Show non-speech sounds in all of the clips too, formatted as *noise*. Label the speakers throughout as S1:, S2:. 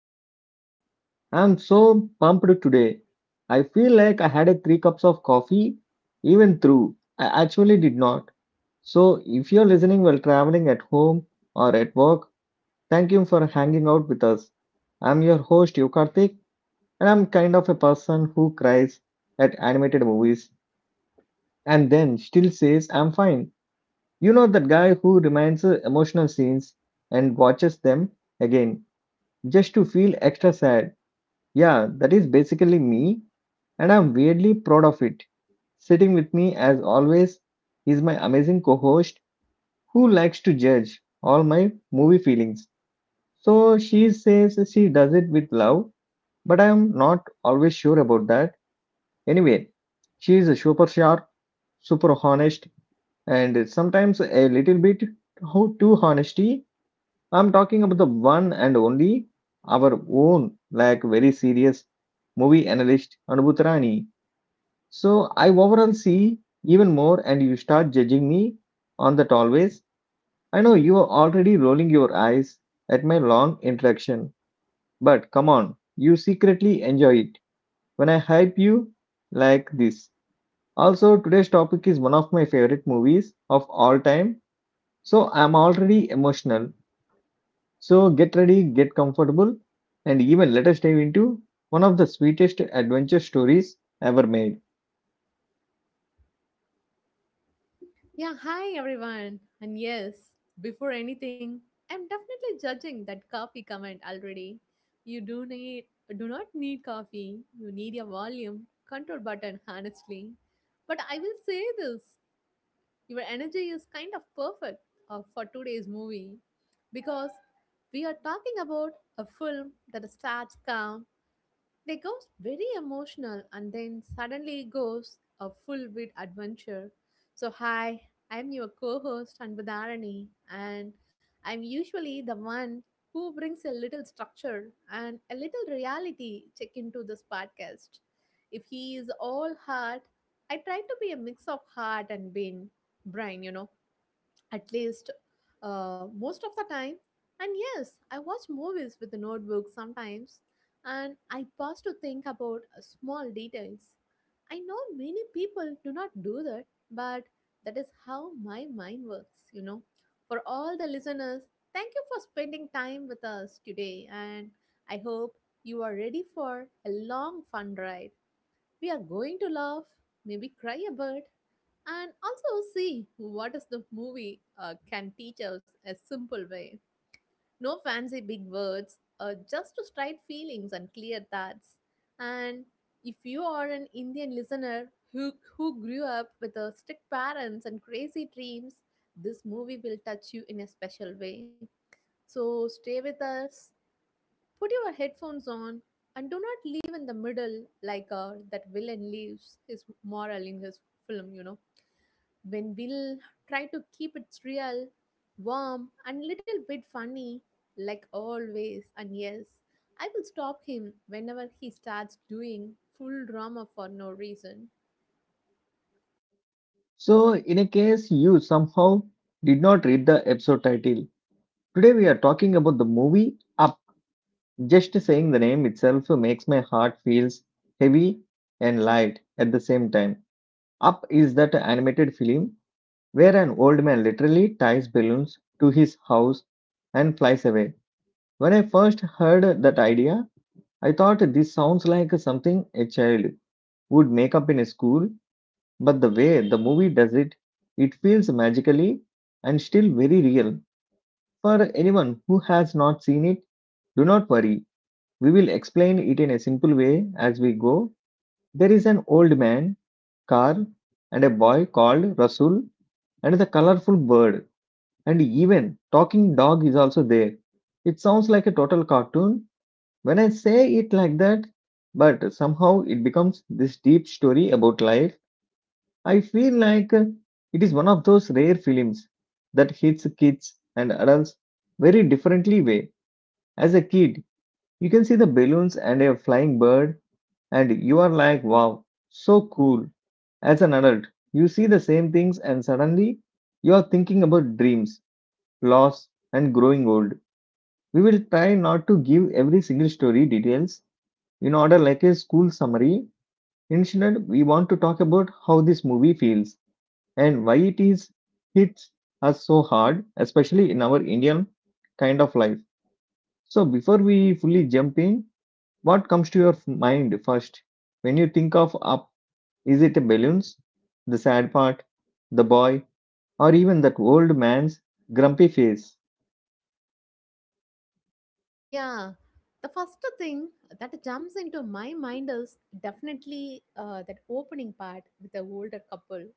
S1: And wow, I'm so pumped today. I feel like I had a three cups of coffee, even through. I actually did not. So if you're listening while traveling at home or at work, thank you for hanging out with us. I'm your host Yokarthik, and I'm kind of a person who cries at animated movies and then still says I'm fine. You know that guy who reminds emotional scenes and watches them again just to feel extra sad. Yeah, that is basically me, and I'm weirdly proud of it. Sitting with me, as always, is my amazing co host who likes to judge all my movie feelings. So she says she does it with love, but I'm not always sure about that. Anyway, she is super sharp, super honest, and sometimes a little bit too honesty. I'm talking about the one and only, our own, like very serious movie analyst, Anubhutarani. So I overall see even more, and you start judging me on that always. I know you are already rolling your eyes at my long interaction, but come on, you secretly enjoy it when I hype you like this. Also, today's topic is one of my favorite movies of all time, so I'm already emotional. So get ready, get comfortable, and even let us dive into one of the sweetest adventure stories ever made.
S2: Yeah, hi everyone. And yes, before anything, I'm definitely judging that coffee comment already. You do not need coffee. You need your volume control button *laughs* honestly. But I will say this, your energy is kind of perfect for today's movie because we are talking about a film that starts calm they goes very emotional and then suddenly goes a full wit adventure. So hi, I'm your co-host Anbudharani and I'm usually the one who brings a little structure and a little reality check into this podcast. If he is all heart, I try to be a mix of heart and brain, brain, at least most of the time. And yes, I watch movies with the notebook sometimes, and I pause to think about small details. I know many people do not do that, but that is how my mind works, you know. For all the listeners, thank you for spending time with us today, and I hope you are ready for a long, fun ride. We are going to laugh, maybe cry a bit, and also see what is the movie can teach us a simple way, no fancy big words, just to straight feelings and clear thoughts. And if you are an Indian listener who grew up with strict parents and crazy dreams, this movie will touch you in a special way. So stay with us, put your headphones on, and do not leave in the middle like that villain leaves his moral in his film, you know. When we'll try to keep it real, warm, and little bit funny, like always, and yes, I will stop him whenever he starts doing full drama for no reason.
S1: So, in a case you somehow did not read the episode title, today we are talking about the movie Up. Just saying the name itself makes my heart feels heavy and light at the same time. Up is that animated film where an old man literally ties balloons to his house and flies away. When I first heard that idea, I thought this sounds like something a child would make up in a school. But the way the movie does it, it feels magically and still very real. For anyone who has not seen it, do not worry. We will explain it in a simple way as we go. There is an old man, Carl, and a boy called Rasul, and the colorful bird, and even talking dog is also there. It sounds like a total cartoon when I say it like that, but somehow it becomes this deep story about life. I feel like it is one of those rare films that hits kids and adults very differently way. As a kid, you can see the balloons and a flying bird and you are like wow, so cool. As an adult, you see the same things and suddenly you are thinking about dreams, loss and growing old. We will try not to give every single story details in order like a school summary. Instead, we want to talk about how this movie feels and why it is hits us so hard, especially in our Indian kind of life. So before we fully jump in, what comes to your mind first when you think of up? Is it balloons, the sad part, the boy, or even that old man's grumpy face?
S2: Yeah, the first thing that jumps into my mind is definitely that opening part with the older couple.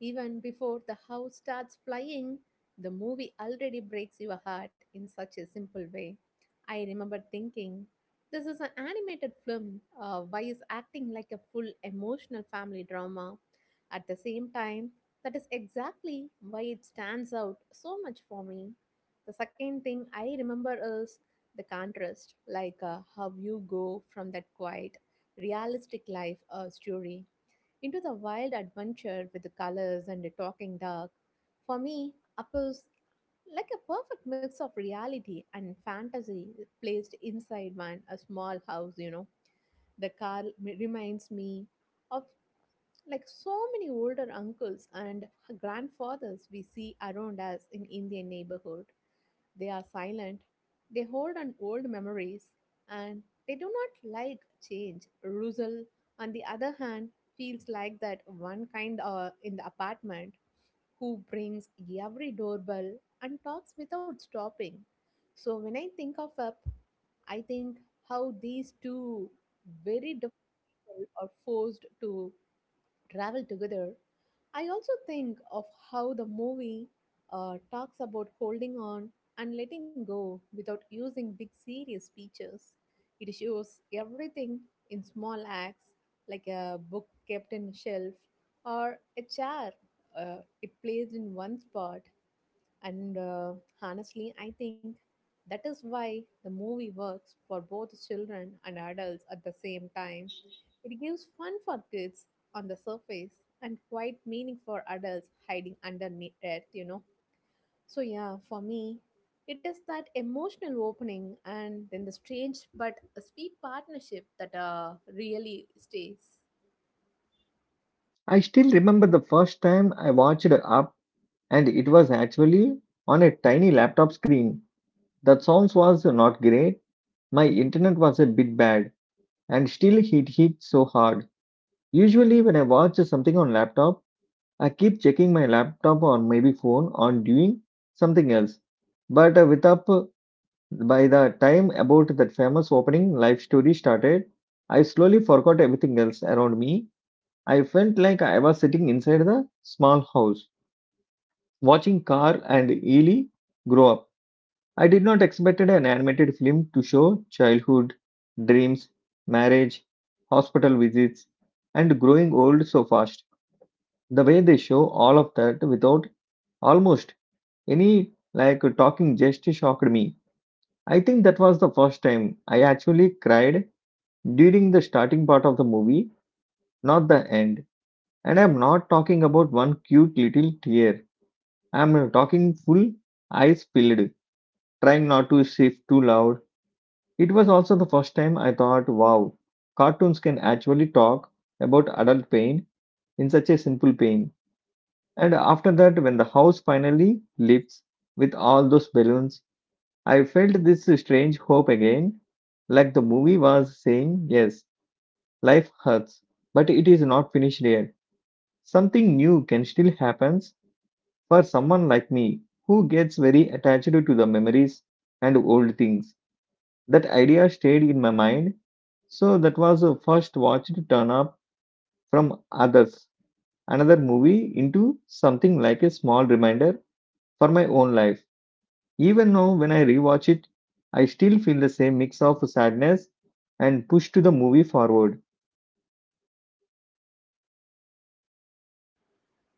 S2: Even before the house starts flying, the movie already breaks your heart in such a simple way. I remember thinking, this is an animated film. Why is acting like a full emotional family drama? At the same time, that is exactly why it stands out so much for me. The second thing I remember is the contrast, like how you go from that quiet, realistic life story into the wild adventure with the colors and the talking dog. For me, apples like a perfect mix of reality and fantasy placed inside one a small house, you know. The reminds me of like so many older uncles and grandfathers we see around us in Indian neighborhood. They are silent, they hold on old memories, and they do not like change. Russell, on the other hand, feels like that one kind in the apartment who brings every doorbell and talks without stopping. So when I think of Up, I think how these two very different people are forced to travel together. I also think of how the movie talks about holding on and letting go without using big serious speeches. It shows everything in small acts, like a book kept in a shelf or a chair it placed in one spot. And Honestly, I think that is why the movie works for both children and adults at the same time. It gives fun for kids on the surface and quite meaning for adults hiding underneath it, you know. So, yeah, for me, it is that emotional opening and then the strange but a sweet partnership that really stays.
S1: I still remember the first time I watched up, and it was actually on a tiny laptop screen. The sounds was not great. My internet was a bit bad, and still it hit so hard. Usually, when I watch something on laptop, I keep checking my laptop or maybe phone on doing something else. But with up by the time about that famous opening live story started, I slowly forgot everything else around me. I felt like I was sitting inside the small house, watching Carl and Ely grow up. I did not expect an animated film to show childhood, dreams, marriage, hospital visits, and growing old so fast. The way they show all of that without almost any like talking just shocked me. I think that was the first time I actually cried during the starting part of the movie, not the end. And I'm not talking about one cute little tear. I'm talking full eyes filled, trying not to shift too loud. It was also the first time I thought, wow, cartoons can actually talk about adult pain in such a simple pain. And after that, when the house finally lifts with all those balloons, I felt this strange hope again, like the movie was saying, yes, life hurts, but it is not finished yet. Something new can still happen for someone like me who gets very attached to the memories and old things. That idea stayed in my mind, so that was the first watch to turn up from others, another movie into something like a small reminder for my own life. Even now, when I rewatch it, I still feel the same mix of sadness and push to the movie forward.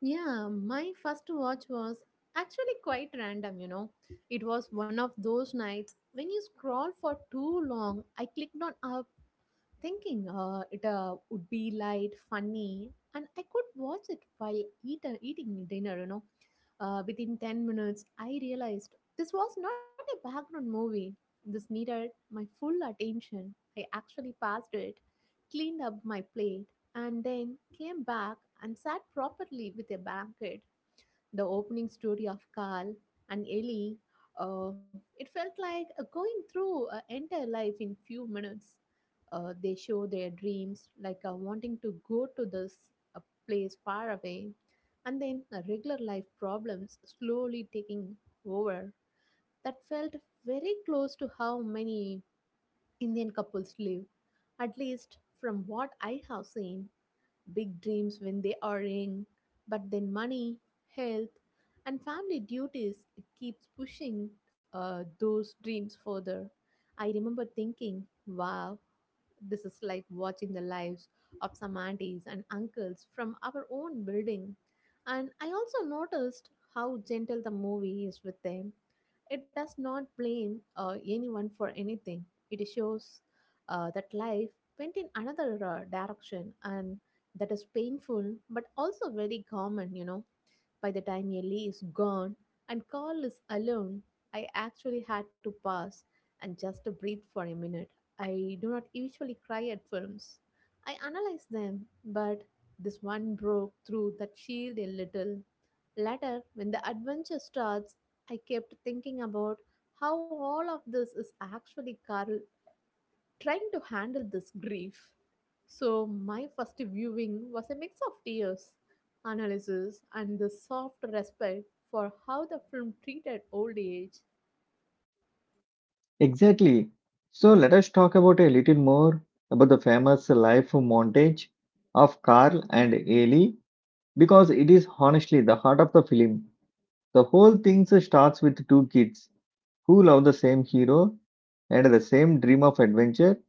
S2: Yeah, my first watch was actually quite random, you know. It was one of those nights when you scroll for too long. I clicked on Up thinking it would be light, funny, and I could watch it while eating dinner, you know. Within 10 minutes, I realized this was not a background movie. This needed my full attention. I actually passed it, cleaned up my plate, and then came back and sat properly with a blanket. The opening story of Carl and Ellie, uh, it felt like going through entire life in few minutes. They show their dreams, like wanting to go to this uh, place far away, and then regular life problems slowly taking over. That felt very close to how many Indian couples live, at least from what I have seen: big dreams when they are young, but then money, health, and family duties it keeps pushing those dreams further. I remember thinking, wow, this is like watching the lives of some aunties and uncles from our own building. And I also noticed how gentle the movie is with them. It does not blame anyone for anything. It shows that life went in another direction, and that is painful but also very common, you know. By the time Ellie is gone and Carl is alone, I actually had to pause and just breathe for a minute. I do not usually cry at films. I analyze them, but this one broke through that shield a little. Later, when the adventure starts, I kept thinking about how all of this is actually Carl trying to handle this grief. So, my first viewing was a mix of tears, analysis, and the soft respect for how the film treated old age.
S1: Exactly. So let us talk about a little more about the famous life montage of Carl and Ellie because it is honestly the heart of the film. The whole thing starts with two kids who love the same hero and the same dream of adventure.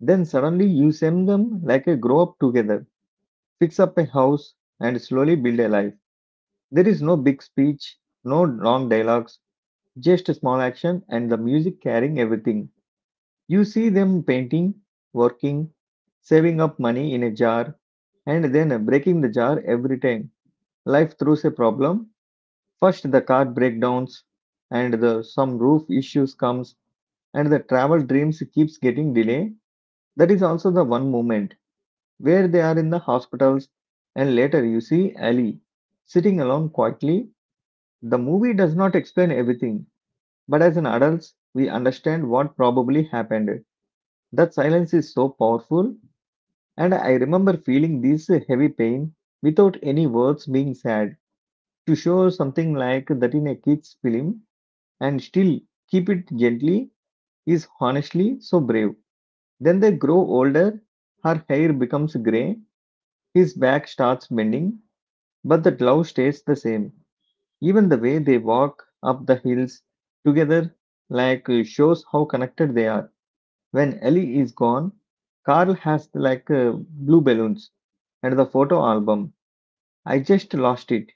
S1: Then suddenly you see them like a grow up together, fix up a house, and slowly build a life. There is no big speech, no long dialogues, just a small action and the music carrying everything. You see them painting, working, saving up money in a jar, and then breaking the jar every time. Life throws a problem. First the car breakdowns and the some roof issues comes and the travel dreams keeps getting delayed. That is also the one moment where they are in the hospitals and later you see Ali sitting alone quietly. The movie does not explain everything. But as an adults, we understand what probably happened. That silence is so powerful, and I remember feeling this heavy pain without any words being said. To show something like that in a kid's film and still keep it gently is honestly so brave. Then they grow older, her hair becomes grey, his back starts bending, but the glove stays the same. Even the way they walk up the hills together like shows how connected they are. When Ellie is gone, Carl has like blue balloons and the photo album. I just lost it.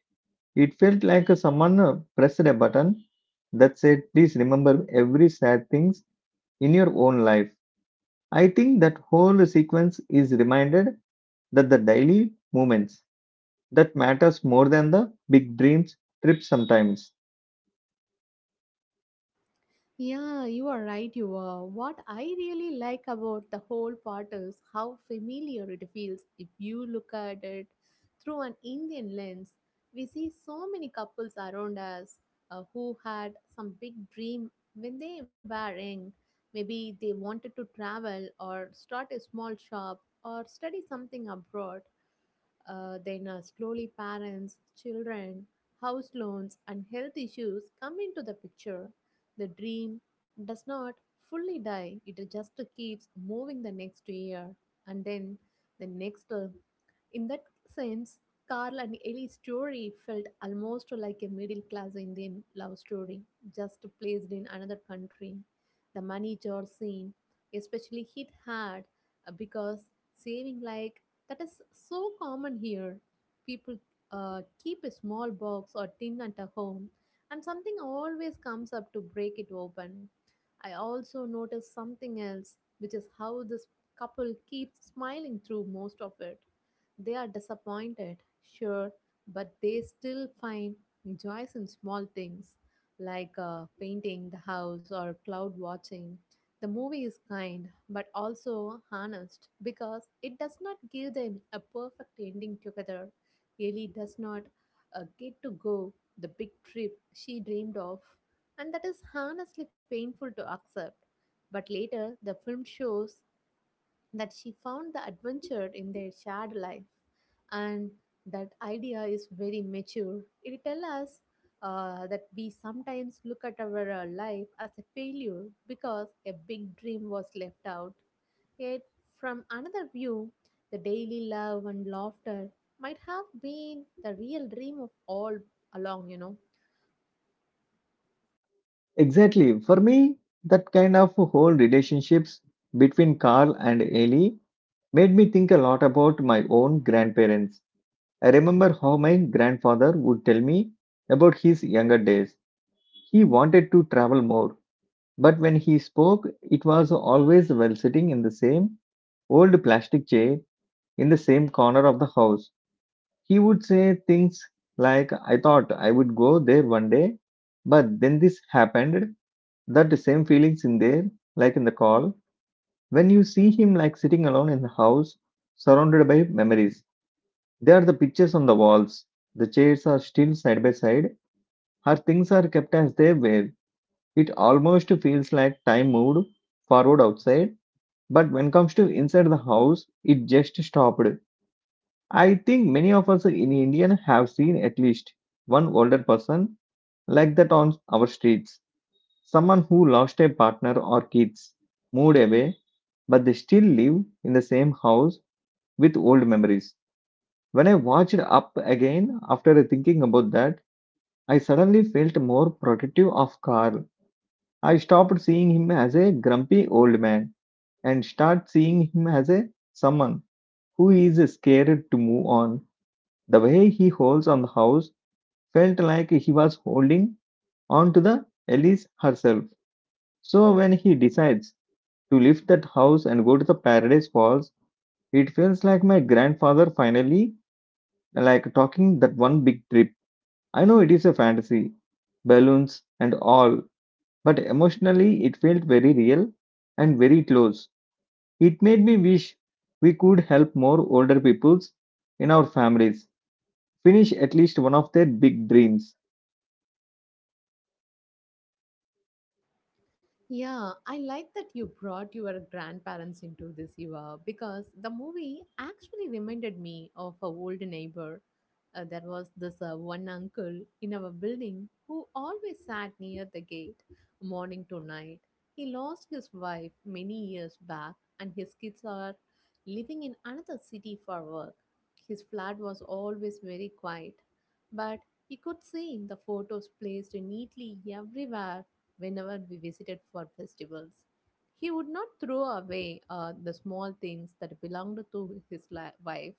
S1: It felt like someone pressed a button that said, "Please remember every sad things in your own life." I think that whole sequence is reminded that the daily moments that matters more than the big dreams trips sometimes.
S2: Yeah, you are right, you are. What I really like about the whole part is how familiar it feels if you look at it through an Indian lens. We see so many couples around us who had some big dream when they were young. Maybe they wanted to travel or start a small shop or study something abroad. Then, slowly, parents, children, house loans, and health issues come into the picture. The dream does not fully die, it just keeps moving the next year and then the next. In that sense, Carl and Ellie's story felt almost like a middle class Indian love story, just placed in another country. The money jar scene especially hit hard because saving like that is so common here. People keep a small box or tin at a home, and something always comes up to break it open. I also noticed something else, which is how this couple keeps smiling through most of it. They are disappointed, sure, but they still find joys in small things like painting the house or cloud watching. The movie is kind but also honest because it does not give them a perfect ending together. Ellie does not get to go the big trip she dreamed of, and that is honestly painful to accept. But later, the film shows that she found the adventure in their shared life, and that idea is very mature. It tells us that we sometimes look at our life as a failure because a big dream was left out, yet from another view the daily love and laughter might have been the real dream of all along, you know.
S1: Exactly. For me, that kind of whole relationships between Carl and Ellie made me think a lot about my own grandparents. I remember how my grandfather would tell me about his younger days. He wanted to travel more, but when he spoke, it was always while sitting in the same old plastic chair in the same corner of the house. He would say things like, I thought I would go there one day, but then this happened. That same feelings in there, like in the call, when you see him like sitting alone in the house, surrounded by memories. There are the pictures on the walls. The chairs are still side by side. Her things are kept as they were. It almost feels like time moved forward outside, but when comes to inside the house, it just stopped. I think many of us in India have seen at least one older person like that on our streets. Someone who lost a partner or kids, moved away, but they still live in the same house with old memories. When I watched up again after thinking about that, I suddenly felt more protective of Carl. I stopped seeing him as a grumpy old man and started seeing him as a someone who is scared to move on. The way he holds on the house felt like he was holding on to the Elise herself. So when he decides to leave that house and go to the Paradise Falls, it feels like my grandfather finally like talking that one big trip. I know it is a fantasy, balloons and all, but emotionally it felt very real and very close. It made me wish we could help more older peoples in our families finish at least one of their big dreams.
S2: Yeah, I like that you brought your grandparents into this, Eva, because the movie actually reminded me of a old neighbor. There was this one uncle in our building who always sat near the gate morning to night. He lost his wife many years back, and his kids are living in another city for work. His flat was always very quiet, but you could see the photos placed neatly everywhere whenever we visited for festivals. He would not throw away the small things that belonged to his wife,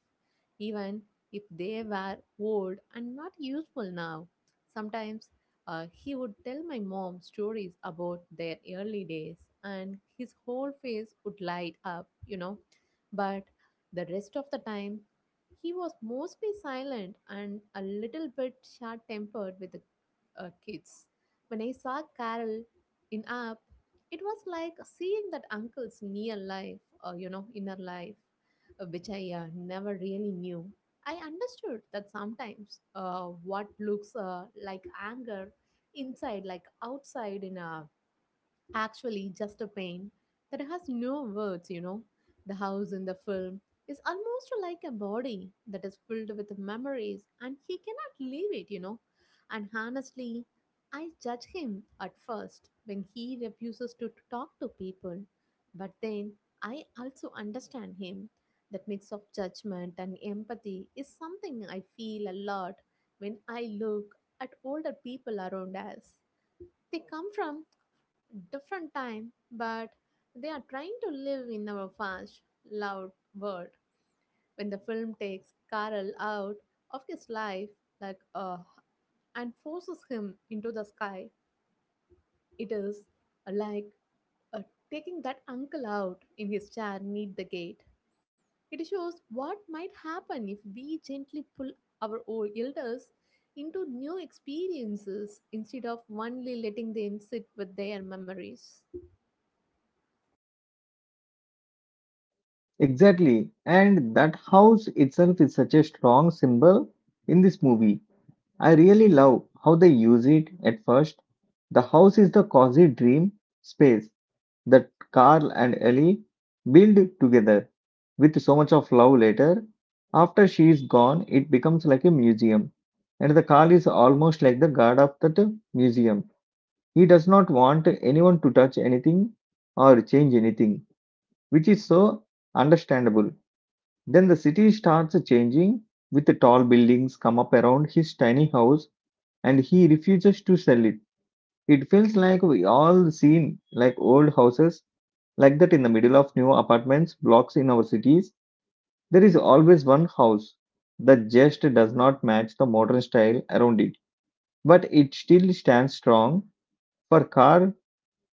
S2: even if they were old and not useful now. Sometimes he would tell my mom stories about their early days, and his whole face would light up, you know. But the rest of the time, he was mostly silent and a little bit short tempered with the kids. When I saw Carol in Up, it was like seeing that uncle's near life or, you know, inner life, which I never really knew. I understood that sometimes what looks like anger inside, like outside in a actually just a pain that has no words, you know. The house in the film is almost like a body that is filled with memories and he cannot leave it, you know. And honestly, I judge him at first when he refuses to talk to people, but then I also understand him. That mix of judgment and empathy is something I feel a lot when I look at older people around us. They come from different time, but they are trying to live in our fast, loud world. When the film takes Carl out of his life, like uh, and forces him into the sky, it is like uh, taking that uncle out in his chair meet the gate. It shows what might happen if we gently pull our old elders into new experiences instead of only letting them sit with their memories.
S1: Exactly, and that house itself is such a strong symbol in this movie. I really love how they use it at first. The house is the cozy dream space that Carl and Ellie build together with so much of love later. After she is gone, it becomes like a museum, and the Carl is almost like the guard of that museum. He does not want anyone to touch anything or change anything, which is so understandable. Then the city starts changing, with the tall buildings come up around his tiny house, and he refuses to sell it. It feels like we all seen like old houses like that, in the middle of new apartments blocks in our cities. There is always one house that just does not match the modern style around it, but it still stands strong for car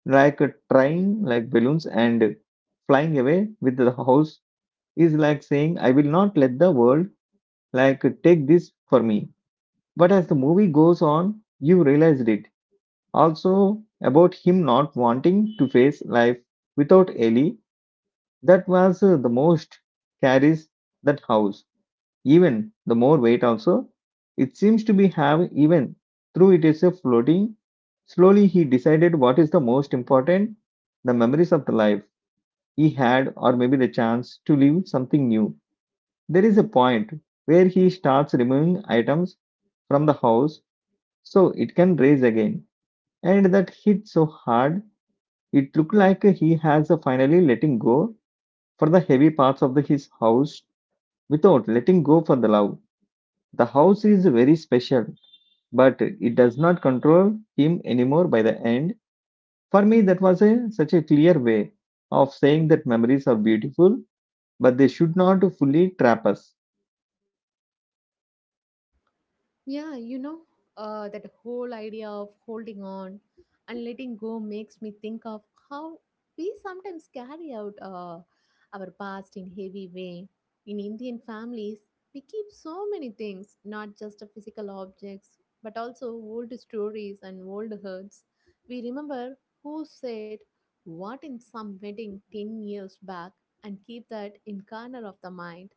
S1: like a train, like balloons, and flying away with the house is like saying, I will not let the world like take this for me. But as the movie goes on, you realized it. Also about him not wanting to face life without Ellie, that was the most carries that house even the more weight also. It seems to be have even through it is a floating, slowly he decided what is the most important, the memories of the life he had, or maybe the chance to live something new. There is a point where he starts removing items from the house so it can raise again, and that hit so hard. It looked like he has finally letting go for the heavy parts of his house without letting go for the love. The house is very special, but it does not control him anymore by the end. For me, that was a, such a clear way of saying that memories are beautiful, but they should not fully trap us.
S2: Yeah, you know, that whole idea of holding on and letting go makes me think of how we sometimes carry out our past in heavy way. In Indian families, we keep so many things, not just the physical objects, but also old stories and old hurts. We remember who said what in some wedding 10 years back and keep that in corner of the mind.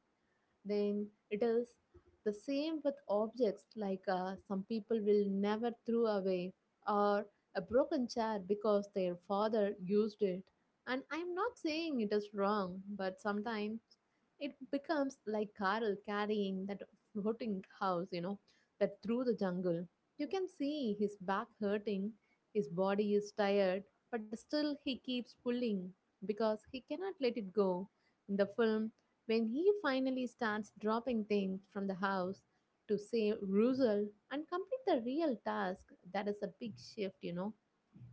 S2: Then it is the same with objects like some people will never throw away or a broken chair because their father used it, and I'm not saying it is wrong, but sometimes it becomes like Carl carrying that floating house, that through the jungle. You can see his back hurting, his body is tired, but still he keeps pulling because he cannot let it go. In the film, when he finally starts dropping things from the house to save Russell and complete the real task, that is a big shift, you know.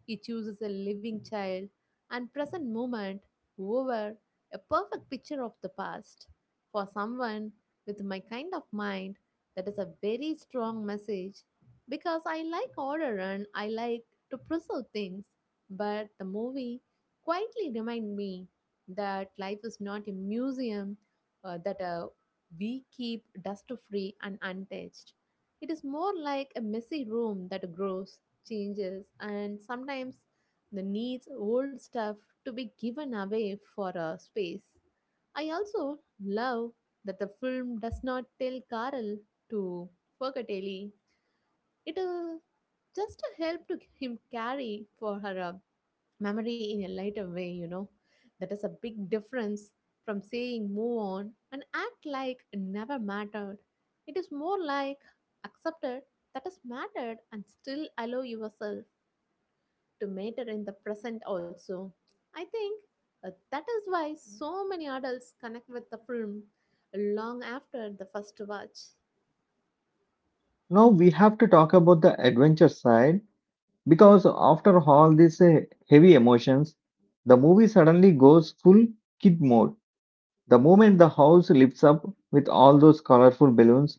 S2: He chooses a living child and present moment over a perfect picture of the past. For someone with my kind of mind, that is a very strong message because I like order and I like to preserve things. But the movie quietly remind me that life is not a museum that we keep dust free and untouched. It is more like a messy room that grows, changes, and sometimes the needs old stuff to be given away for a space. I also love that the film does not tell Carl to forget Ellie. It just to help to him carry for her memory in a lighter way, you know. That is a big difference from saying move on and act like it never mattered. It is more like accepted that has mattered and still allow yourself to matter in the present also. I think that is why so many adults connect with the film long after the first watch.
S1: Now we have to talk about the adventure side because after all these heavy emotions, the movie suddenly goes full kid mode. The moment the house lifts up with all those colorful balloons,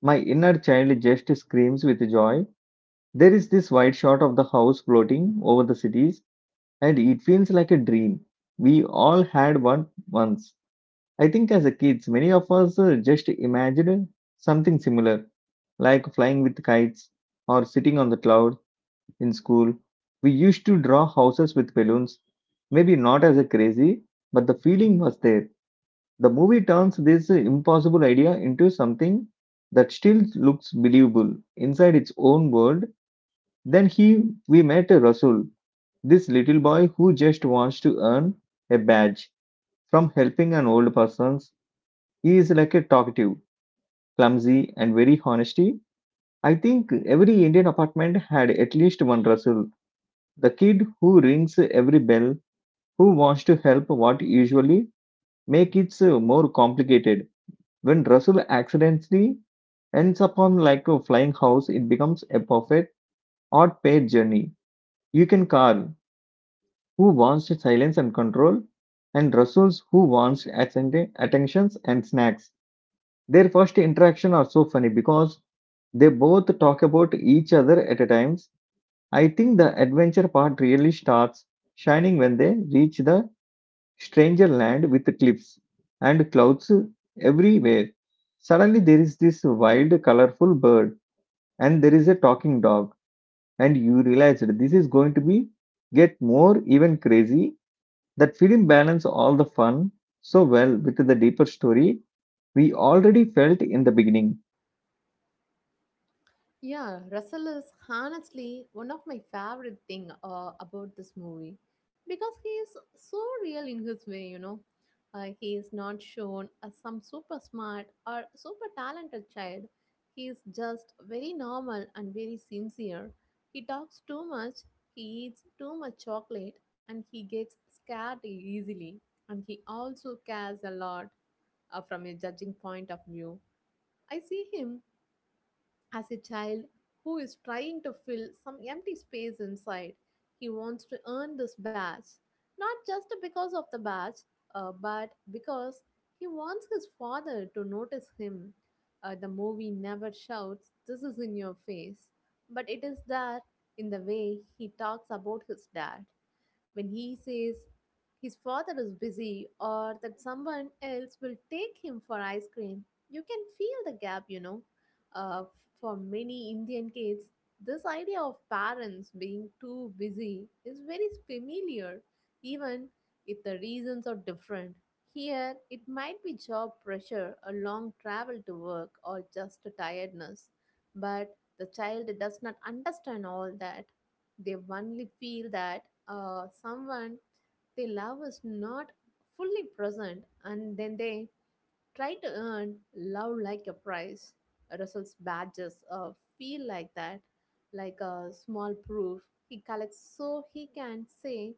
S1: my inner child just screams with joy. There is this wide shot of the house floating over the cities, and it feels like a dream. We all had one once. I think as a kids, many of us just imagined something similar, like flying with kites or sitting on the cloud in school. We used to draw houses with balloons. Maybe not as a crazy, but the feeling was there. The movie turns this impossible idea into something that still looks believable inside its own world. Then he, we met Rasul, this little boy who just wants to earn a badge from helping an old person. He is like a talkative, clumsy, and very honesty. I think every Indian apartment had at least one Rasul, the kid who rings every bell, who wants to help what usually make it more complicated. When Rasul accidentally ends upon like a flying house, it becomes a perfect odd paid journey. You can call who wants silence and control, and Russell's who wants attentions and snacks. Their first interaction are so funny because they both talk about each other at a times. I think the adventure part really starts shining when they reach the stranger land with cliffs and clouds everywhere. Suddenly there is this wild colorful bird and there is a talking dog, and you realize that this is going to be get more even crazy. That film balanced all the fun so well with the deeper story we already felt in the beginning.
S2: Yeah, Russell is honestly one of my favorite thing about this movie because he is so real in his way, you know. He is not shown as some super smart or super talented child. He is just very normal and very sincere. He talks too much, he eats too much chocolate, and he gets scared easily. And he also cares a lot from a judging point of view. I see him as a child who is trying to fill some empty space inside. He wants to earn this badge, not just because of the badge, but because he wants his father to notice him. The movie never shouts, "This is in your face," but it is there in the way he talks about his dad. When he says his father is busy or that someone else will take him for ice cream, you can feel the gap, you know. uh, for many Indian kids, this idea of parents being too busy is very familiar, even if the reasons are different. Here, it might be job pressure, a long travel to work, or just a tiredness. But the child does not understand all that. They only feel that someone they love is not fully present, and then they try to earn love like a prize. Russell's badges feel like that, like a small proof he collects so he can say,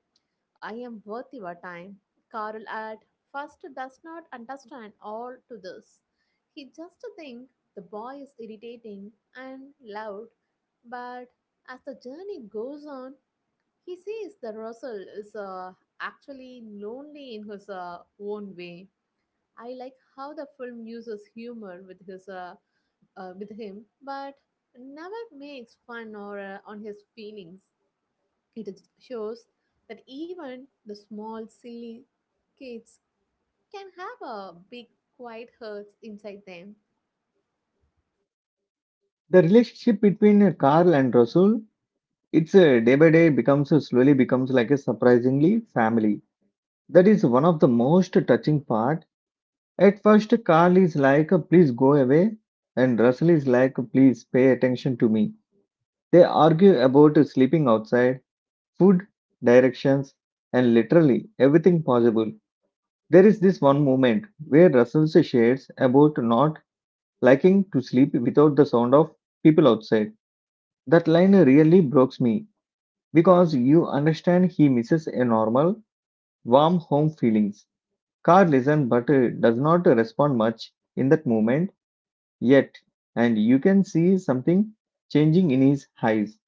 S2: "I am worth your time." Carl at first does not understand all to this. He just thinks the boy is irritating and loud, but as the journey goes on, he sees that Russell is actually lonely in his own way. I like how the film uses humor with his with him, but never makes fun or on his feelings. It shows that even the small silly kids can have a big quiet hurts inside them.
S1: The relationship between Carl and Rasul, it's day by day becomes slowly becomes like a surprisingly family. That is one of the most touching part. At first, Carl is like, "Please go away," and Russell is like, "Please pay attention to me." They argue about sleeping outside, food, directions, and literally everything possible. There is this one moment where Russell shares about not liking to sleep without the sound of people outside. That line really broke me because you understand he misses a normal, warm home feelings. Car listens but does not respond much in that moment yet, and you can see something changing in his eyes.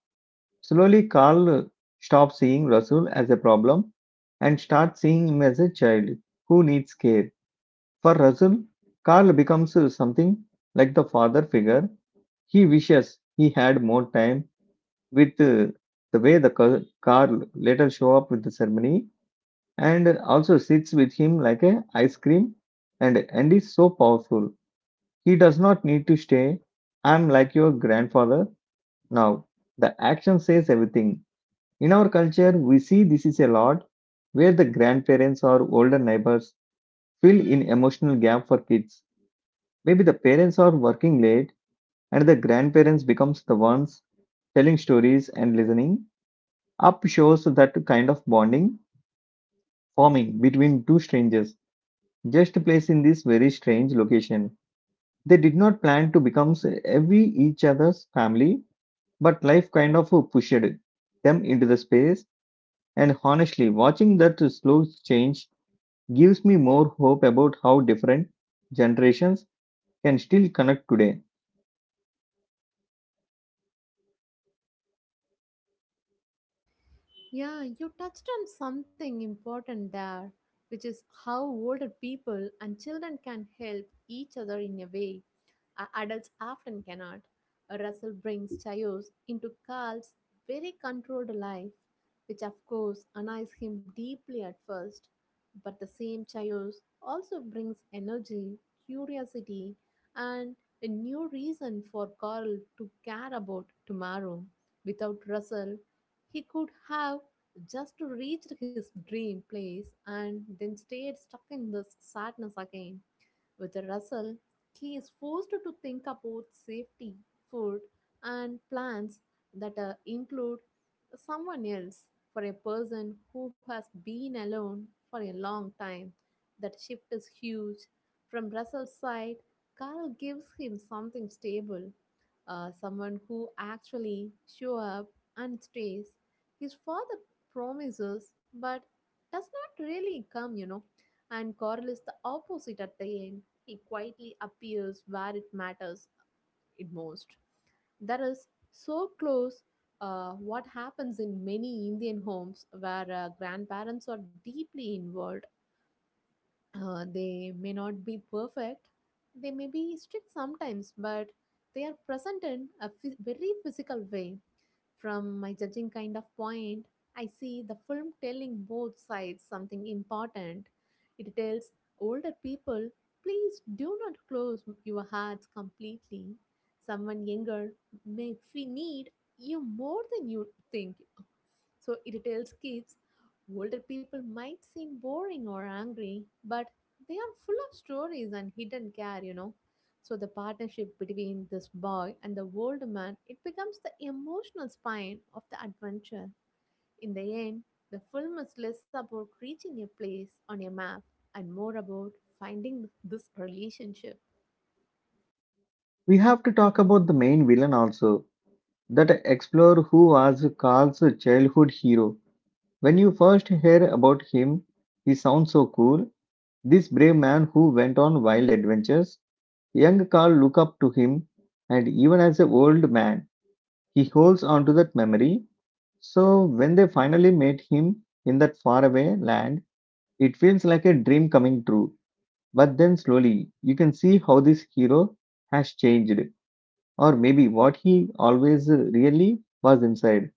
S1: Slowly, Carl stops seeing Russell as a problem and starts seeing him as a child who needs care. For Russell, Carl becomes something like the father figure. He wishes he had more time with the way the Carl later show up with the ceremony and also sits with him like a ice cream and is so powerful. He does not need to stay. I'm like your grandfather now. The action says everything. In our culture, we see this is a lot where the grandparents or older neighbors fill in emotional gap for kids. Maybe the parents are working late and the grandparents becomes the ones telling stories and listening. Up shows that kind of bonding forming between two strangers just placed in this very strange location. They did not plan to become every each other's family, but life kind of pushed them into the space. And honestly, watching that slow change gives me more hope about how different generations can still connect today.
S2: Yeah, you touched on something important there, which is how older people and children can help each other in a way adults often cannot. Russell brings chaos into Carl's very controlled life, which of course annoys him deeply at first. But the same chaos also brings energy, curiosity, and a new reason for Carl to care about tomorrow. Without Russell, he could have just to reach his dream place and then stayed stuck in this sadness again. With Russell, he is forced to think about safety, food, and plans that include someone else. For a person who has been alone for a long time, that shift is huge. From Russell's side, Carl gives him something stable, someone who actually show up and stays. His father promises, but does not really come, you know. And Carl is the opposite at the end. He quietly appears where it matters it most. That is so close what happens in many Indian homes where grandparents are deeply involved. They may not be perfect, they may be strict sometimes, but they are present in a very physical way. From my judging kind of point, I see the film telling both sides something important. It tells older people, please do not close your hearts completely. Someone younger may need you more than you think. So it tells kids older people might seem boring or angry, but they are full of stories and hidden care, you know. So the partnership between this boy and the old man, it becomes the emotional spine of the adventure. In the end, the film is less about reaching a place on a map and more about finding this relationship.
S1: We have to talk about the main villain also, that explorer who was Carl's childhood hero. When you first hear about him, he sounds so cool. This brave man who went on wild adventures, young Carl look up to him, and even as an old man, he holds on to that memory. So when they finally met him in that faraway land, it feels like a dream coming true. But then slowly, you can see how this hero has changed, or maybe what he always really was inside.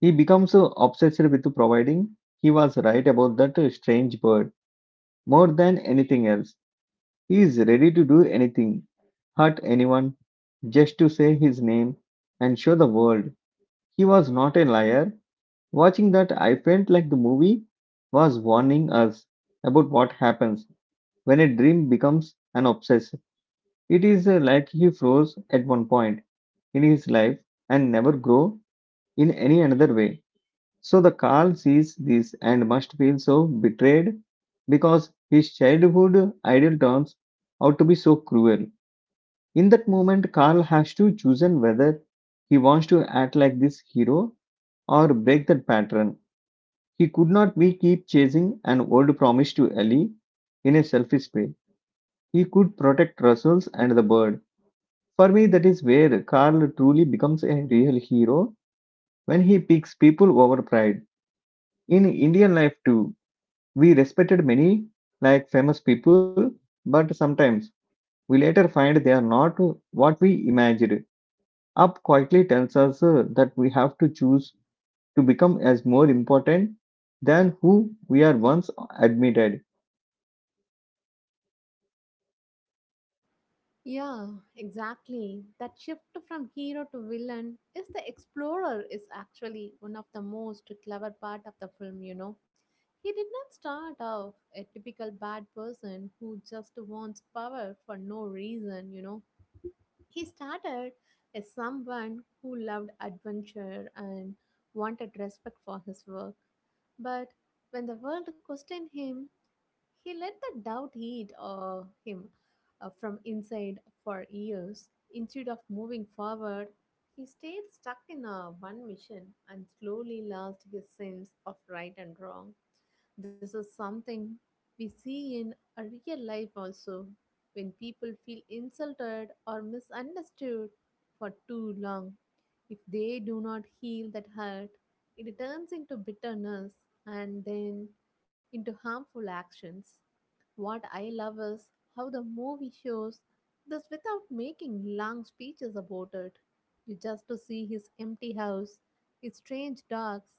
S1: He becomes so obsessed with providing. He was right about that strange bird. More than anything else, he is ready to do anything, hurt anyone, just to say his name and show the world he was not a liar. Watching that, I felt like the movie was warning us about what happens when a dream becomes an obsess. It is like he froze at one point in his life and never grew in any another way. So the Carl sees this and must feel so betrayed because his childhood idol turns out to be so cruel. In that moment, Carl has to choose whether he wants to act like this hero or break that pattern. He could not be keep chasing an old promise to Ellie in a selfish way. He could protect Russell's and the bird. For me, that is where Carl truly becomes a real hero when he picks people over pride. In Indian life, too, we respected many like famous people, but sometimes we later find they are not what we imagined. Up quietly tells us that we have to choose to become as more important than who we are once admitted.
S2: Yeah, exactly. That shift from hero to villain is the explorer is actually one of the most clever part of the film, you know. He did not start off a typical bad person who just wants power for no reason, you know. He started as someone who loved adventure and wanted respect for his work. But when the world questioned him, he let the doubt eat him from inside for years. Instead of moving forward, he stayed stuck in a one mission and slowly lost his sense of right and wrong. This is something we see in a real life also when people feel insulted or misunderstood for too long. If they do not heal that hurt, it turns into bitterness and then into harmful actions. What I love is how the movie shows this without making long speeches about it. You just to see his empty house, his strange dogs,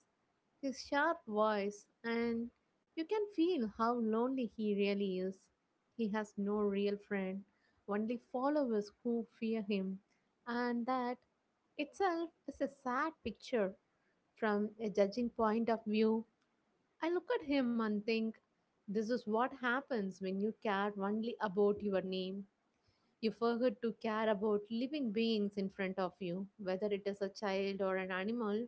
S2: his sharp voice, and you can feel how lonely he really is. He has no real friend, only followers who fear him, and that itself is a sad picture. From a judging point of view, I look at him and think, this is what happens when you care only about your name. You forget to care about living beings in front of you, whether it is a child or an animal.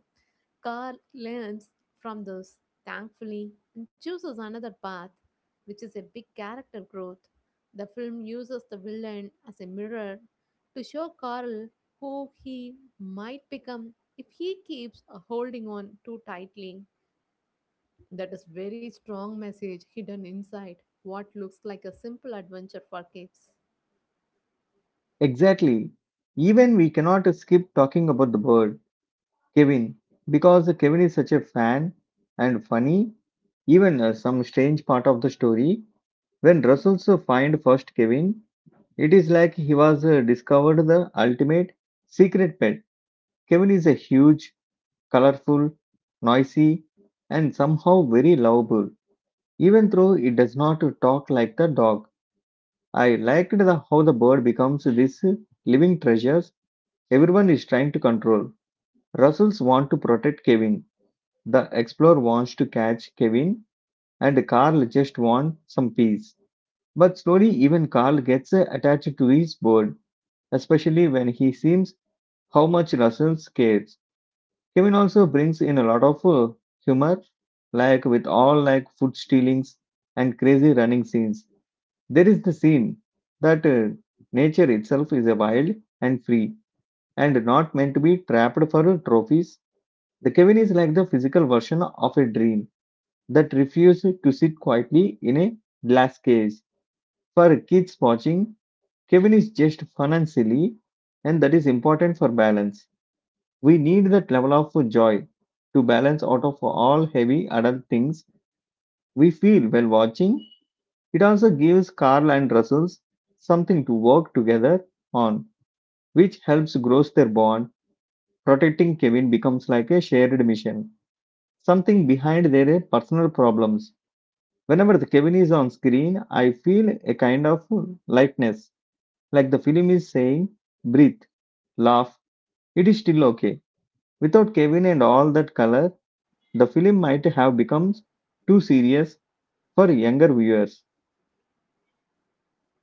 S2: Carl learns from this, thankfully, and chooses another path, which is a big character growth. The film uses the villain as a mirror to show Carl who he might become if he keeps holding on too tightly. That is very strong message hidden inside what looks like a simple adventure for kids.
S1: Exactly. Even we cannot skip talking about the bird Kevin, because Kevin is such a fan and funny. Even some strange part of the story when Russell's find first Kevin, it is like he was discovered the ultimate secret pet. Kevin is a huge, colorful, noisy, and somehow very lovable. Even though it does not talk like the dog, I liked the how the bird becomes this living treasures everyone is trying to control. Russells want to protect Kevin. The explorer wants to catch Kevin, and Carl just wants some peace. But slowly, even Carl gets attached to his bird, especially when he sees how much Russell cares. Kevin also brings in a lot of humor, like with all like food stealings and crazy running scenes. There is the scene that nature itself is a wild and free, and not meant to be trapped for trophies. The Kevin is like the physical version of a dream that refused to sit quietly in a glass case. For kids watching, Kevin is just fun and silly, and that is important for balance. We need that level of joy to balance out of all heavy adult things we feel while watching. It also gives Carl and Russell something to work together on, which helps grow their bond. Protecting Kevin becomes like a shared mission, something behind their personal problems. Whenever the Kevin is on screen, I feel a kind of lightness, like the film is saying, breathe, laugh, it is still okay. Without Kevin and all that color, the film might have become too serious for younger viewers.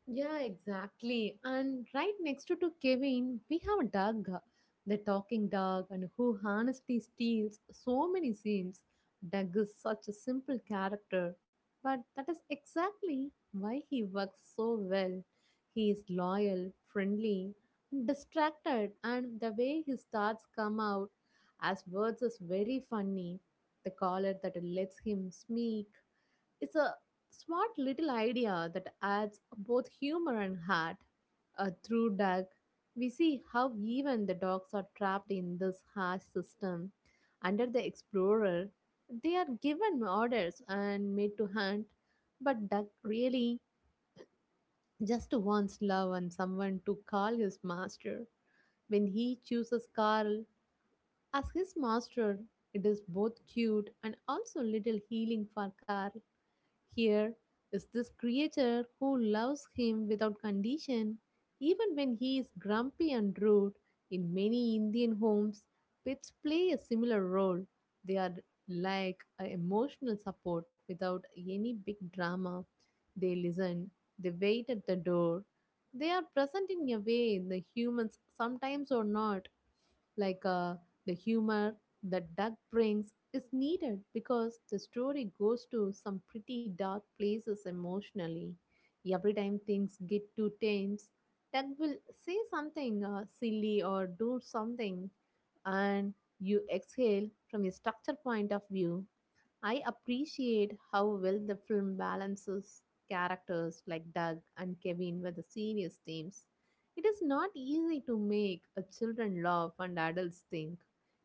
S2: Yeah, exactly. And right next to Kevin, we have a dog, the talking dog, and who honestly steals so many scenes. Doug is such a simple character, but that is exactly why he works so well. He is loyal, friendly, and distracted, and the way his thoughts come out as words is very funny. The collar that lets him sneak, it's a smart little idea that adds both humor and heart. Through Doug, we see how even the dogs are trapped in this harsh system. Under the explorer, they are given orders and made to hunt, but Doug really just wants love and someone to call his master. When he chooses Carl as his master, it is both cute and also a little healing for Carl. Here is this creator who loves him without condition, even when he is grumpy and rude. In many Indian homes, pets play a similar role. They are like a emotional support without any big drama. They listen, they wait at the door. They are present in a way the humans sometimes are not like the humor that Doug brings is needed because the story goes to some pretty dark places emotionally. Every time things get too tense, Doug will say something silly or do something, and you exhale. From a structure point of view, I appreciate how well the film balances characters like Doug and Kevin with the serious themes. It is not easy to make a children laugh and adults think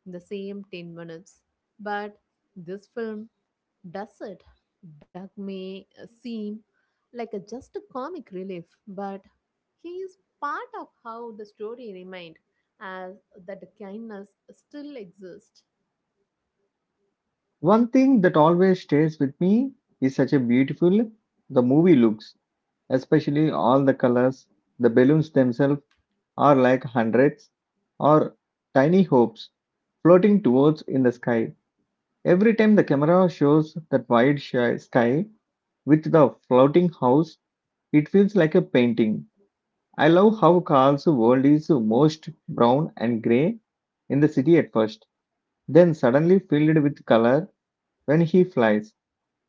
S2: in the same 10 minutes, but this film does it. Doug may seem like a just a comic relief, but he is part of how the story remained as that kindness still exists.
S1: One thing that always stays with me is such a beautiful the movie looks, especially all the colors, the balloons themselves are like hundreds or tiny hopes floating towards in the sky. Every time the camera shows that wide sky with the floating house, it feels like a painting. I love how Carl's world is most brown and gray in the city at first, then suddenly filled with color when he flies.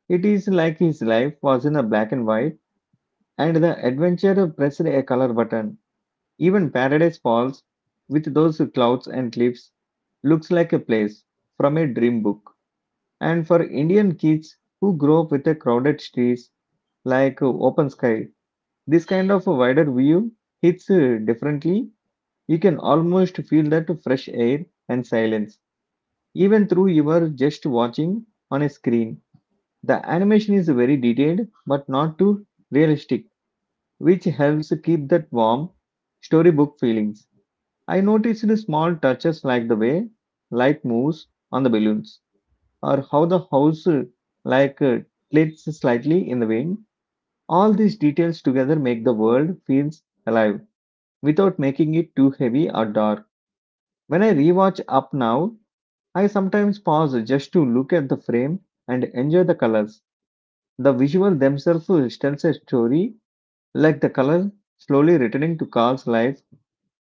S1: It is like his life was in a black and white, and the adventure pressed a color button. Even Paradise Falls, with those clouds and cliffs, looks like a place from a dream book. And for Indian kids who grow up with a crowded streets like open sky, this kind of a wider view hits differently. You can almost feel that fresh air and silence, even through you are just watching on a screen. The animation is very detailed but not too realistic, which helps keep that warm storybook feelings. I noticed small touches like the way light moves on the balloons or how the house like uh, tilts slightly in the wind. All these details together make the world feels alive without making it too heavy or dark. When I rewatch Up Now, I sometimes pause just to look at the frame and enjoy the colors. The visual themselves tells a story like the color slowly returning to Carl's life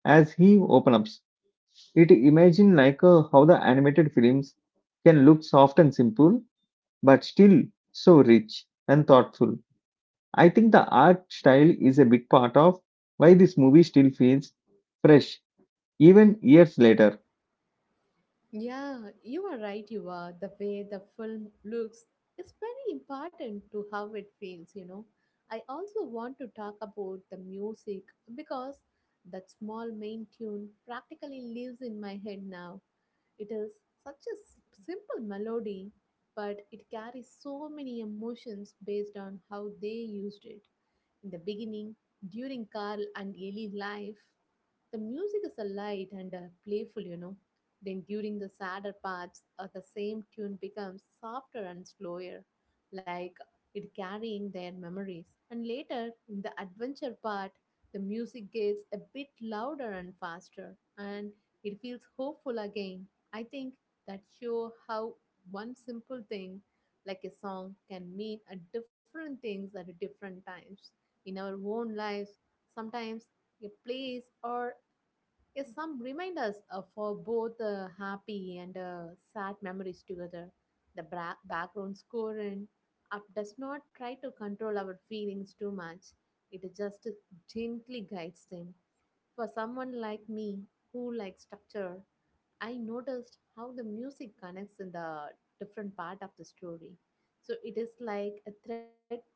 S1: as he opens up. It imagine how the animated films can look soft and simple but still so rich and thoughtful. I think the art style is a big part of why this movie still feels fresh, even years later.
S2: Yeah, you are right, you are. The way the film looks is very important to how it feels, you know. I also want to talk about the music because that small main tune practically lives in my head now. It is such a simple melody, but it carries so many emotions based on how they used it in the beginning, during Carl and Ellie life, the music is a light and playful, you know. Then during the sadder parts, the same tune becomes softer and slower, like it carrying their memories. And later, in the adventure part, the music gets a bit louder and faster, and it feels hopeful again. I think that show how one simple thing, like a song, can mean a different things at different times in our own lives. Sometimes a place or yes, some remind us for both happy and sad memories together. The background score and app does not try to control our feelings too much. It just gently guides them. For someone like me who likes structure, I noticed how the music connects in the different part of the story. So it is like a thread that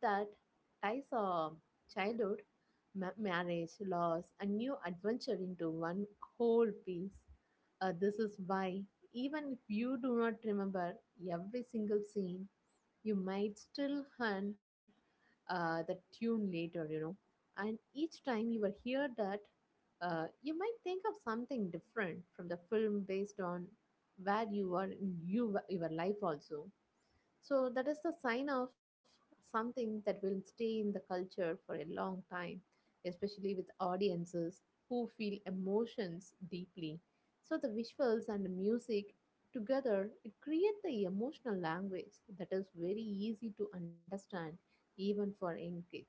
S2: ties a childhood marriage, loss, and new adventure into one whole piece. This is why, even if you do not remember every single scene, you might still hunt the tune later, you know. And each time you will hear that, you might think of something different from the film based on where you are in your life also. So that is the sign of something that will stay in the culture for a long time, especially with audiences who feel emotions deeply. So the visuals and the music together it create the emotional language that is very easy to understand even for young kids.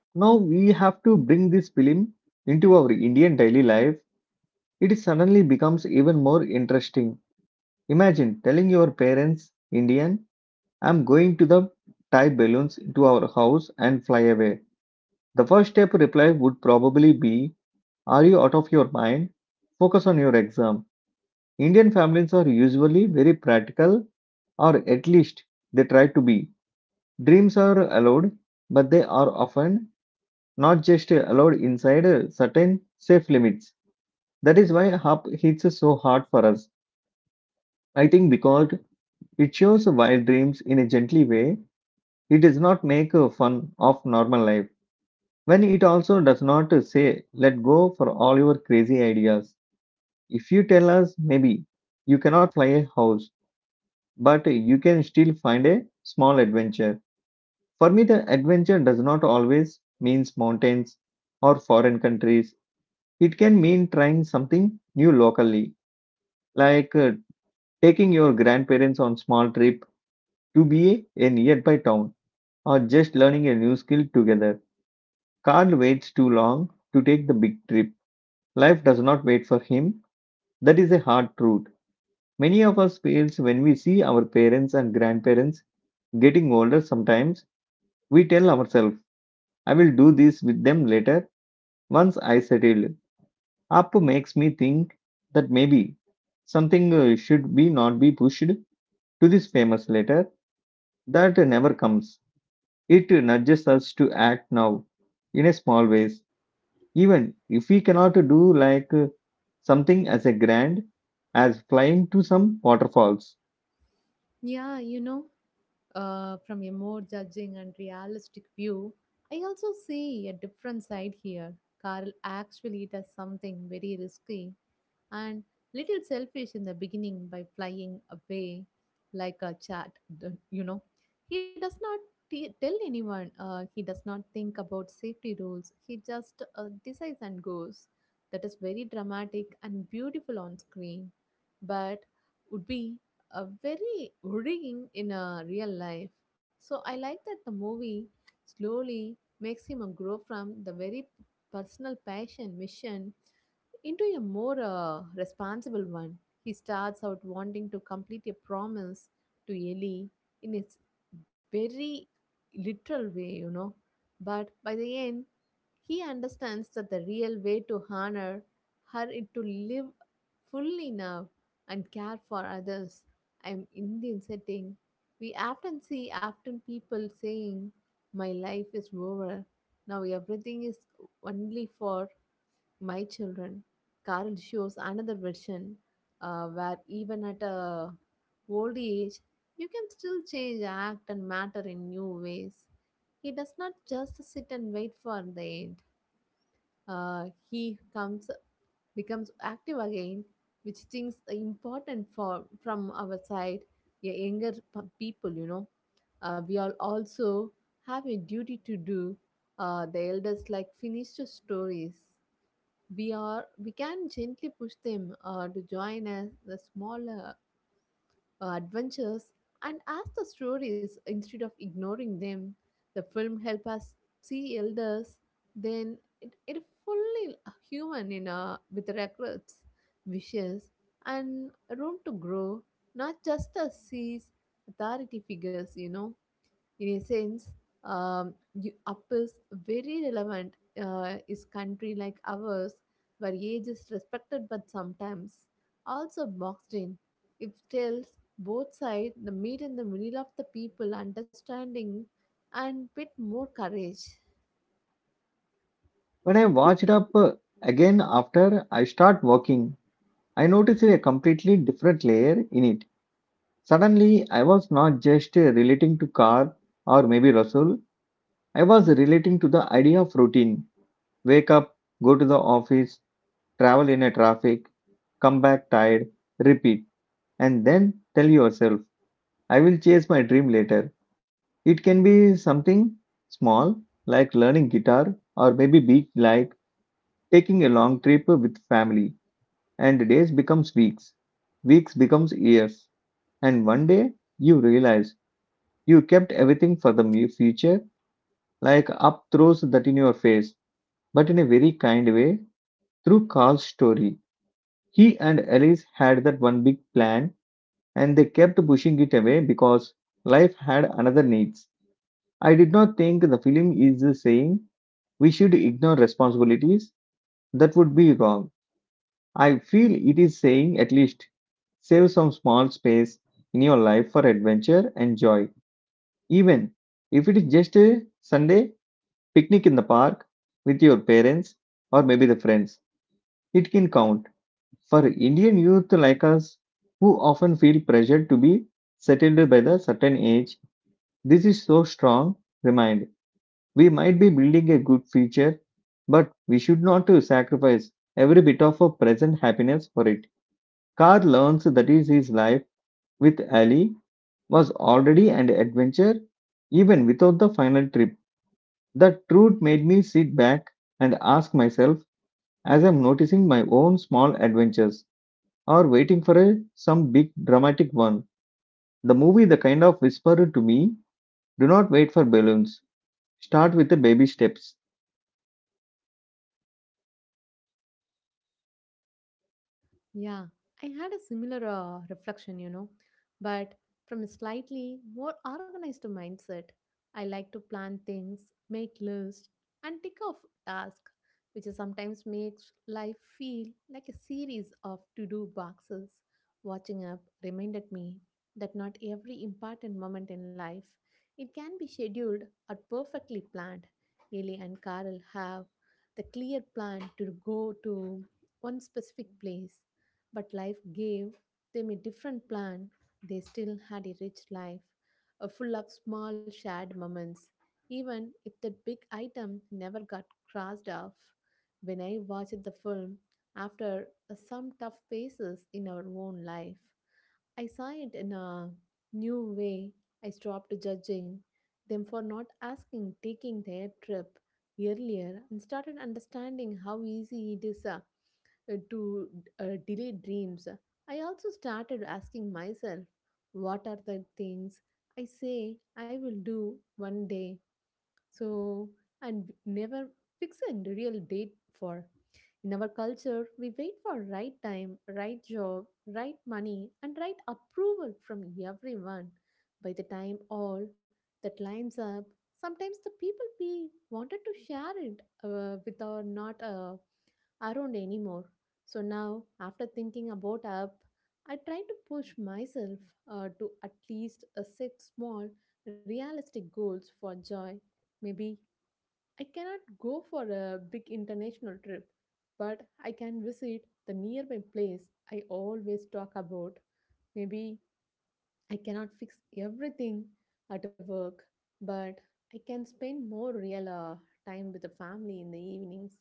S1: Now we have to bring this film into our Indian daily life. It suddenly becomes even more interesting. Imagine telling your parents, Indian, I'm going to the tie balloons to our house and fly away. The first step reply would probably be, are you out of your mind? Focus on your exam. Indian families are usually very practical, or at least they try to be. Dreams are allowed, but they are often not just allowed inside certain safe limits. That is why HAP hits so hard for us. I think because it shows wild dreams in a gently way, it does not make fun of normal life. When it also does not say, let go for all your crazy ideas. If you tell us, maybe you cannot fly a house but you can still find a small adventure. For me, the adventure does not always means mountains or foreign countries. It can mean trying something new locally, like uh, taking your grandparents on small trip to be a nearby town or just learning a new skill together. Carl waits too long to take the big trip. Life does not wait for him. That is a hard truth. Many of us fails when we see our parents and grandparents getting older sometimes we tell ourselves I will do this with them later once I settle. Up makes me think that maybe something should be not be pushed to this famous letter that never comes. It nudges us to act now in a small ways, even if we cannot do something as a grand as flying to some waterfalls.
S2: Yeah, you know, from a more judging and realistic view, I also see a different side here. Carl actually does something very risky and little selfish in the beginning by flying away like a chat, you know. He does not tell anyone, he does not think about safety rules, he just decides and goes. That is very dramatic and beautiful on screen, but would be very worrying in real life. So I like that the movie slowly makes him grow from the very personal passion mission into a more responsible one. He starts out wanting to complete a promise to Ellie in its very literal way, you know. But by the end, he understands that the real way to honor her is to live fully now and care for others. I am Indian setting. We often see often people saying, my life is over. Now everything is only for my children. Carl shows another version where even at a old age, you can still change, act, and matter in new ways. He does not just sit and wait for the end he comes becomes active again, which things are important for from our side, yeah, younger people. You know, we all also have a duty to do. The elders like finished stories. We can gently push them to join us the smaller adventures and ask the stories instead of ignoring them. The film help us see elders, then it fully human in a, with regrets, wishes, and room to grow, not just as sees authority figures, you know, in a sense up is very relevant is country like ours where age is respected but sometimes also boxed in. It tells both sides the meet in the middle of the people understanding and bit more courage.
S1: When I watched up again after I start working, I noticed a completely different layer in it. Suddenly, I was not just relating to car or maybe Russell, I was relating to the idea of routine. Wake up, go to the office, travel in a traffic, come back tired, repeat, and then tell yourself, I will chase my dream later. It can be something small like learning guitar or maybe big like taking a long trip with family and days becomes weeks, weeks becomes years, and one day you realize you kept everything for the future, like Up throws that in your face, but in a very kind way, through Carl's story. He and Alice had that one big plan, and they kept pushing it away because life had another needs. I did not think the film is saying we should ignore responsibilities. That would be wrong. I feel it is saying at least save some small space in your life for adventure and joy, even if it is just a Sunday picnic in the park with your parents or maybe the friends. It can count. For Indian youth like us, who often feel pressured to be settled by the certain age, this is so strong remind. We might be building a good future, but we should not to sacrifice every bit of our present happiness for it. Carr learns that is his life with Ali was already an adventure even without the final trip. The truth made me sit back and ask myself as I'm noticing my own small adventures or waiting for a, some big dramatic one. The movie the kind of whispered to me, do not wait for balloons. Start with the baby steps.
S2: Yeah, I had a similar reflection, you know, but from a slightly more organized mindset. I like to plan things, make lists, and tick off tasks, which sometimes makes life feel like a series of to do boxes. Watching up reminded me that not every important moment in life it can be scheduled or perfectly planned. Ellie and Carol have the clear plan to go to one specific place but life gave them a different plan. They still had a rich life, full of small shared moments, even if that big item never got crossed off. When I watched the film, after some tough phases in our own life, I saw it in a new way. I stopped judging them for not asking, taking their trip earlier, and started understanding how easy it is to delay dreams, I also started asking myself, what are the things I say I will do one day? So, and never fix a real date for. In our culture, we wait for right time, right job, right money, and right approval from everyone. By the time all that lines up, sometimes the people we wanted to share it with are not around anymore. So now, after thinking about up, I try to push myself to at least set small, realistic goals for joy. Maybe I cannot go for a big international trip, but I can visit the nearby place I always talk about. Maybe I cannot fix everything at work, but I can spend more real time with the family in the evenings.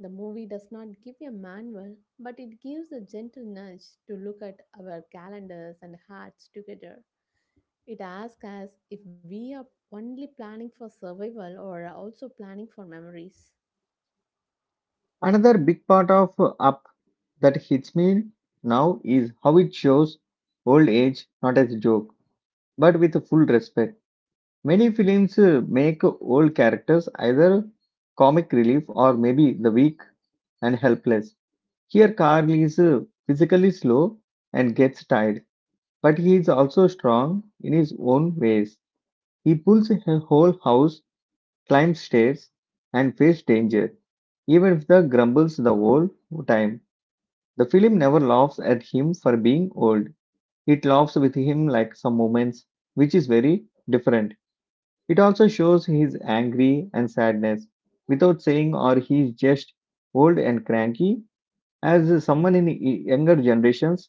S2: The movie does not give a manual, but it gives a gentle nudge to look at our calendars and hearts together. It asks us if we are only planning for survival or are also planning for memories.
S1: Another big part of up that hits me now is how it shows old age not as a joke, but with full respect. Many films make old characters either comic relief or maybe the weak and helpless. Here Carl is physically slow and gets tired but he is also strong in his own ways. He pulls a whole house, climbs stairs, and faces danger, even if the grumbles the whole time. The film never laughs at him for being old. It laughs with him like some moments, which is very different. It also shows his angry and sadness without saying or he is just old and cranky. As someone in younger generations,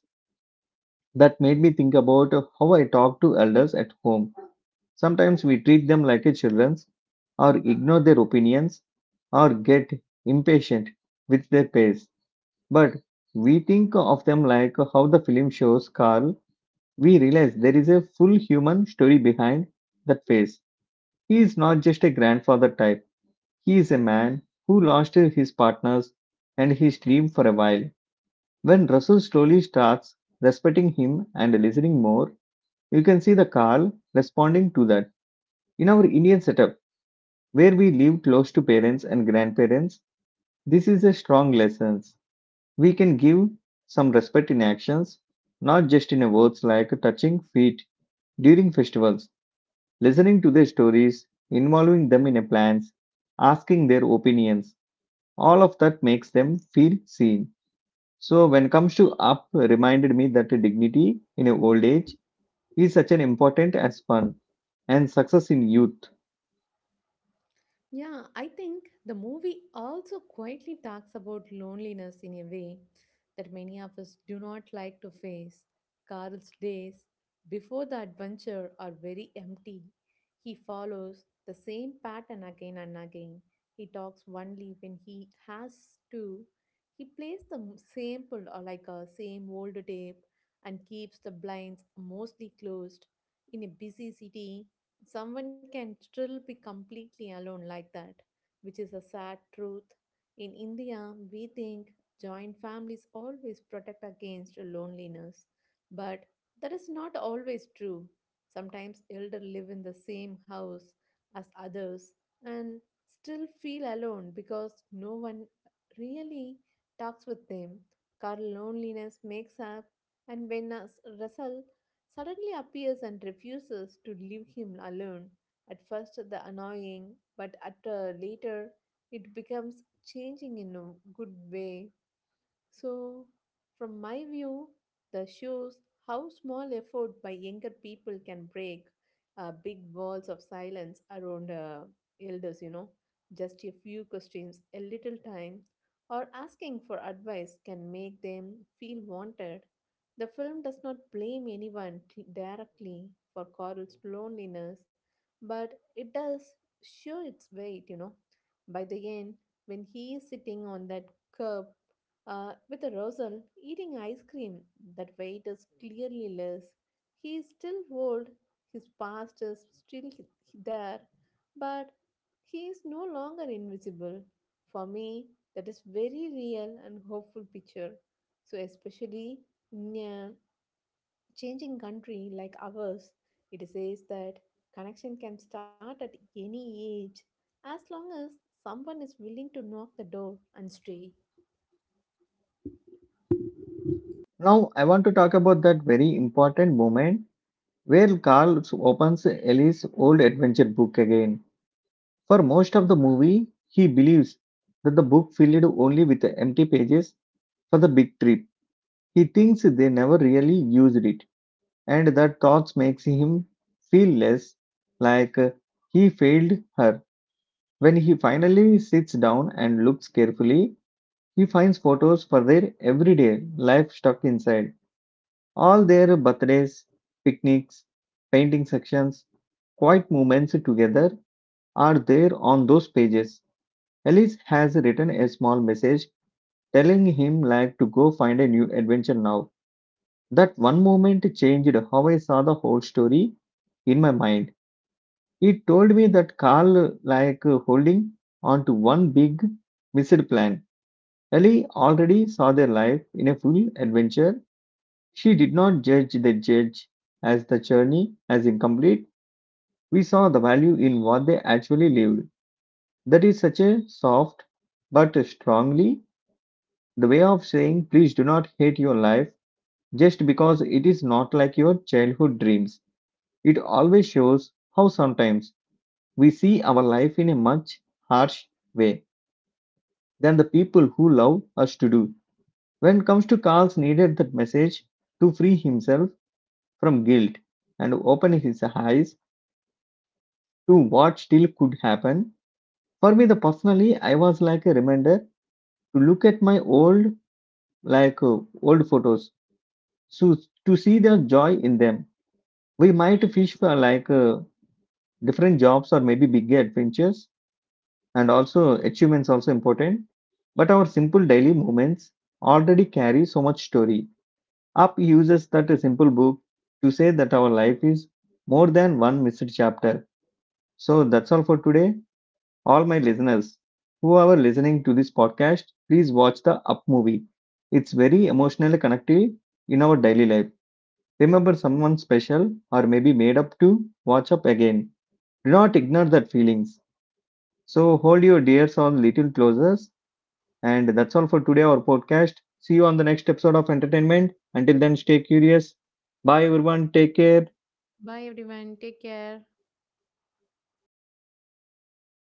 S1: that made me think about how I talk to elders at home. Sometimes we treat them like a children's, or ignore their opinions, or get impatient with their pace. But we think of them like how the film shows Carl. We realize there is a full human story behind that face. He is not just a grandfather type. He is a man who lost his partners and his dream for a while. When Russell slowly starts respecting him and listening more, you can see the Carl responding to that. In our Indian setup, where we live close to parents and grandparents, this is a strong lesson. We can give some respect in actions, not just in words like touching feet during festivals, listening to their stories, involving them in plans, asking their opinions. All of that makes them feel seen. So when comes to up reminded me that dignity in old age is such an important as fun and success in youth.
S2: Yeah, I think the movie also quietly talks about loneliness in a way that many of us do not like to face. Carl's days before the adventure are very empty. He follows the same pattern again and again. He talks only when he has to. He plays the sample or like a same old tape and keeps the blinds mostly closed. In a busy city, someone can still be completely alone like that, which is a sad truth. In India, we think joint families always protect against loneliness, but that is not always true. Sometimes elders live in the same house as others and still feel alone because no one really talks with them. Car loneliness makes up, and when as result suddenly appears and refuses to leave him alone. At first, the annoying, but at later, it becomes changing in a good way. So, from my view, the shows how small effort by younger people can break big walls of silence around elders, you know. Just a few questions, a little time, or asking for advice can make them feel wanted. The film does not blame anyone directly for Coral's loneliness, but it does show its weight, you know. By the end, when he is sitting on that curb with a Rosen eating ice cream, that weight is clearly less. He is still old, his past is still there, but he is no longer invisible. For me, that is very real and hopeful picture. So especially in a changing country like ours, it says that connection can start at any age as long as someone is willing to knock the door and stay.
S1: Now I want to talk about that very important moment where Carl opens Ellie's old adventure book again. For most of the movie, he believes that the book filled only with empty pages for the big trip. He thinks they never really used it, and that thoughts makes him feel less like uh, he failed her. When he finally sits down and looks carefully, he finds photos for their everyday life stuck inside. All their birthdays, picnics, painting sections, quiet moments together are there on those pages. Ellis has written a small message telling him like to go find a new adventure now. That one moment changed how I saw the whole story in my mind. It told me that Carl like holding on to one big missed plan. Ellie already saw their life in a full adventure. She did not judge the judge as the journey as incomplete. We saw the value in what they actually lived. That is such a soft but strongly the way of saying please do not hate your life just because it is not like your childhood dreams. It always shows how sometimes we see our life in a much harsh way than the people who love us to do. When it comes to Carl's needed that message to free himself from guilt and open his eyes to what still could happen. For me, the personally, I was like a reminder to look at my old, old photos, so to see the joy in them. We might fish for different jobs or maybe bigger adventures, and also achievements also important. But our simple daily moments already carry so much story. Up uses that a simple book to say that our life is more than one missed chapter. So that's all for today. All my listeners who are listening to this podcast, please watch the Up movie. It's very emotionally connected in our daily life. Remember someone special or maybe made up to watch up again. Do not ignore that feelings. So hold your dears on little closer. And that's all for today our podcast. See you on the next episode of entertainment. Until then, stay curious. Bye everyone. Take care.
S2: Bye everyone. Take care.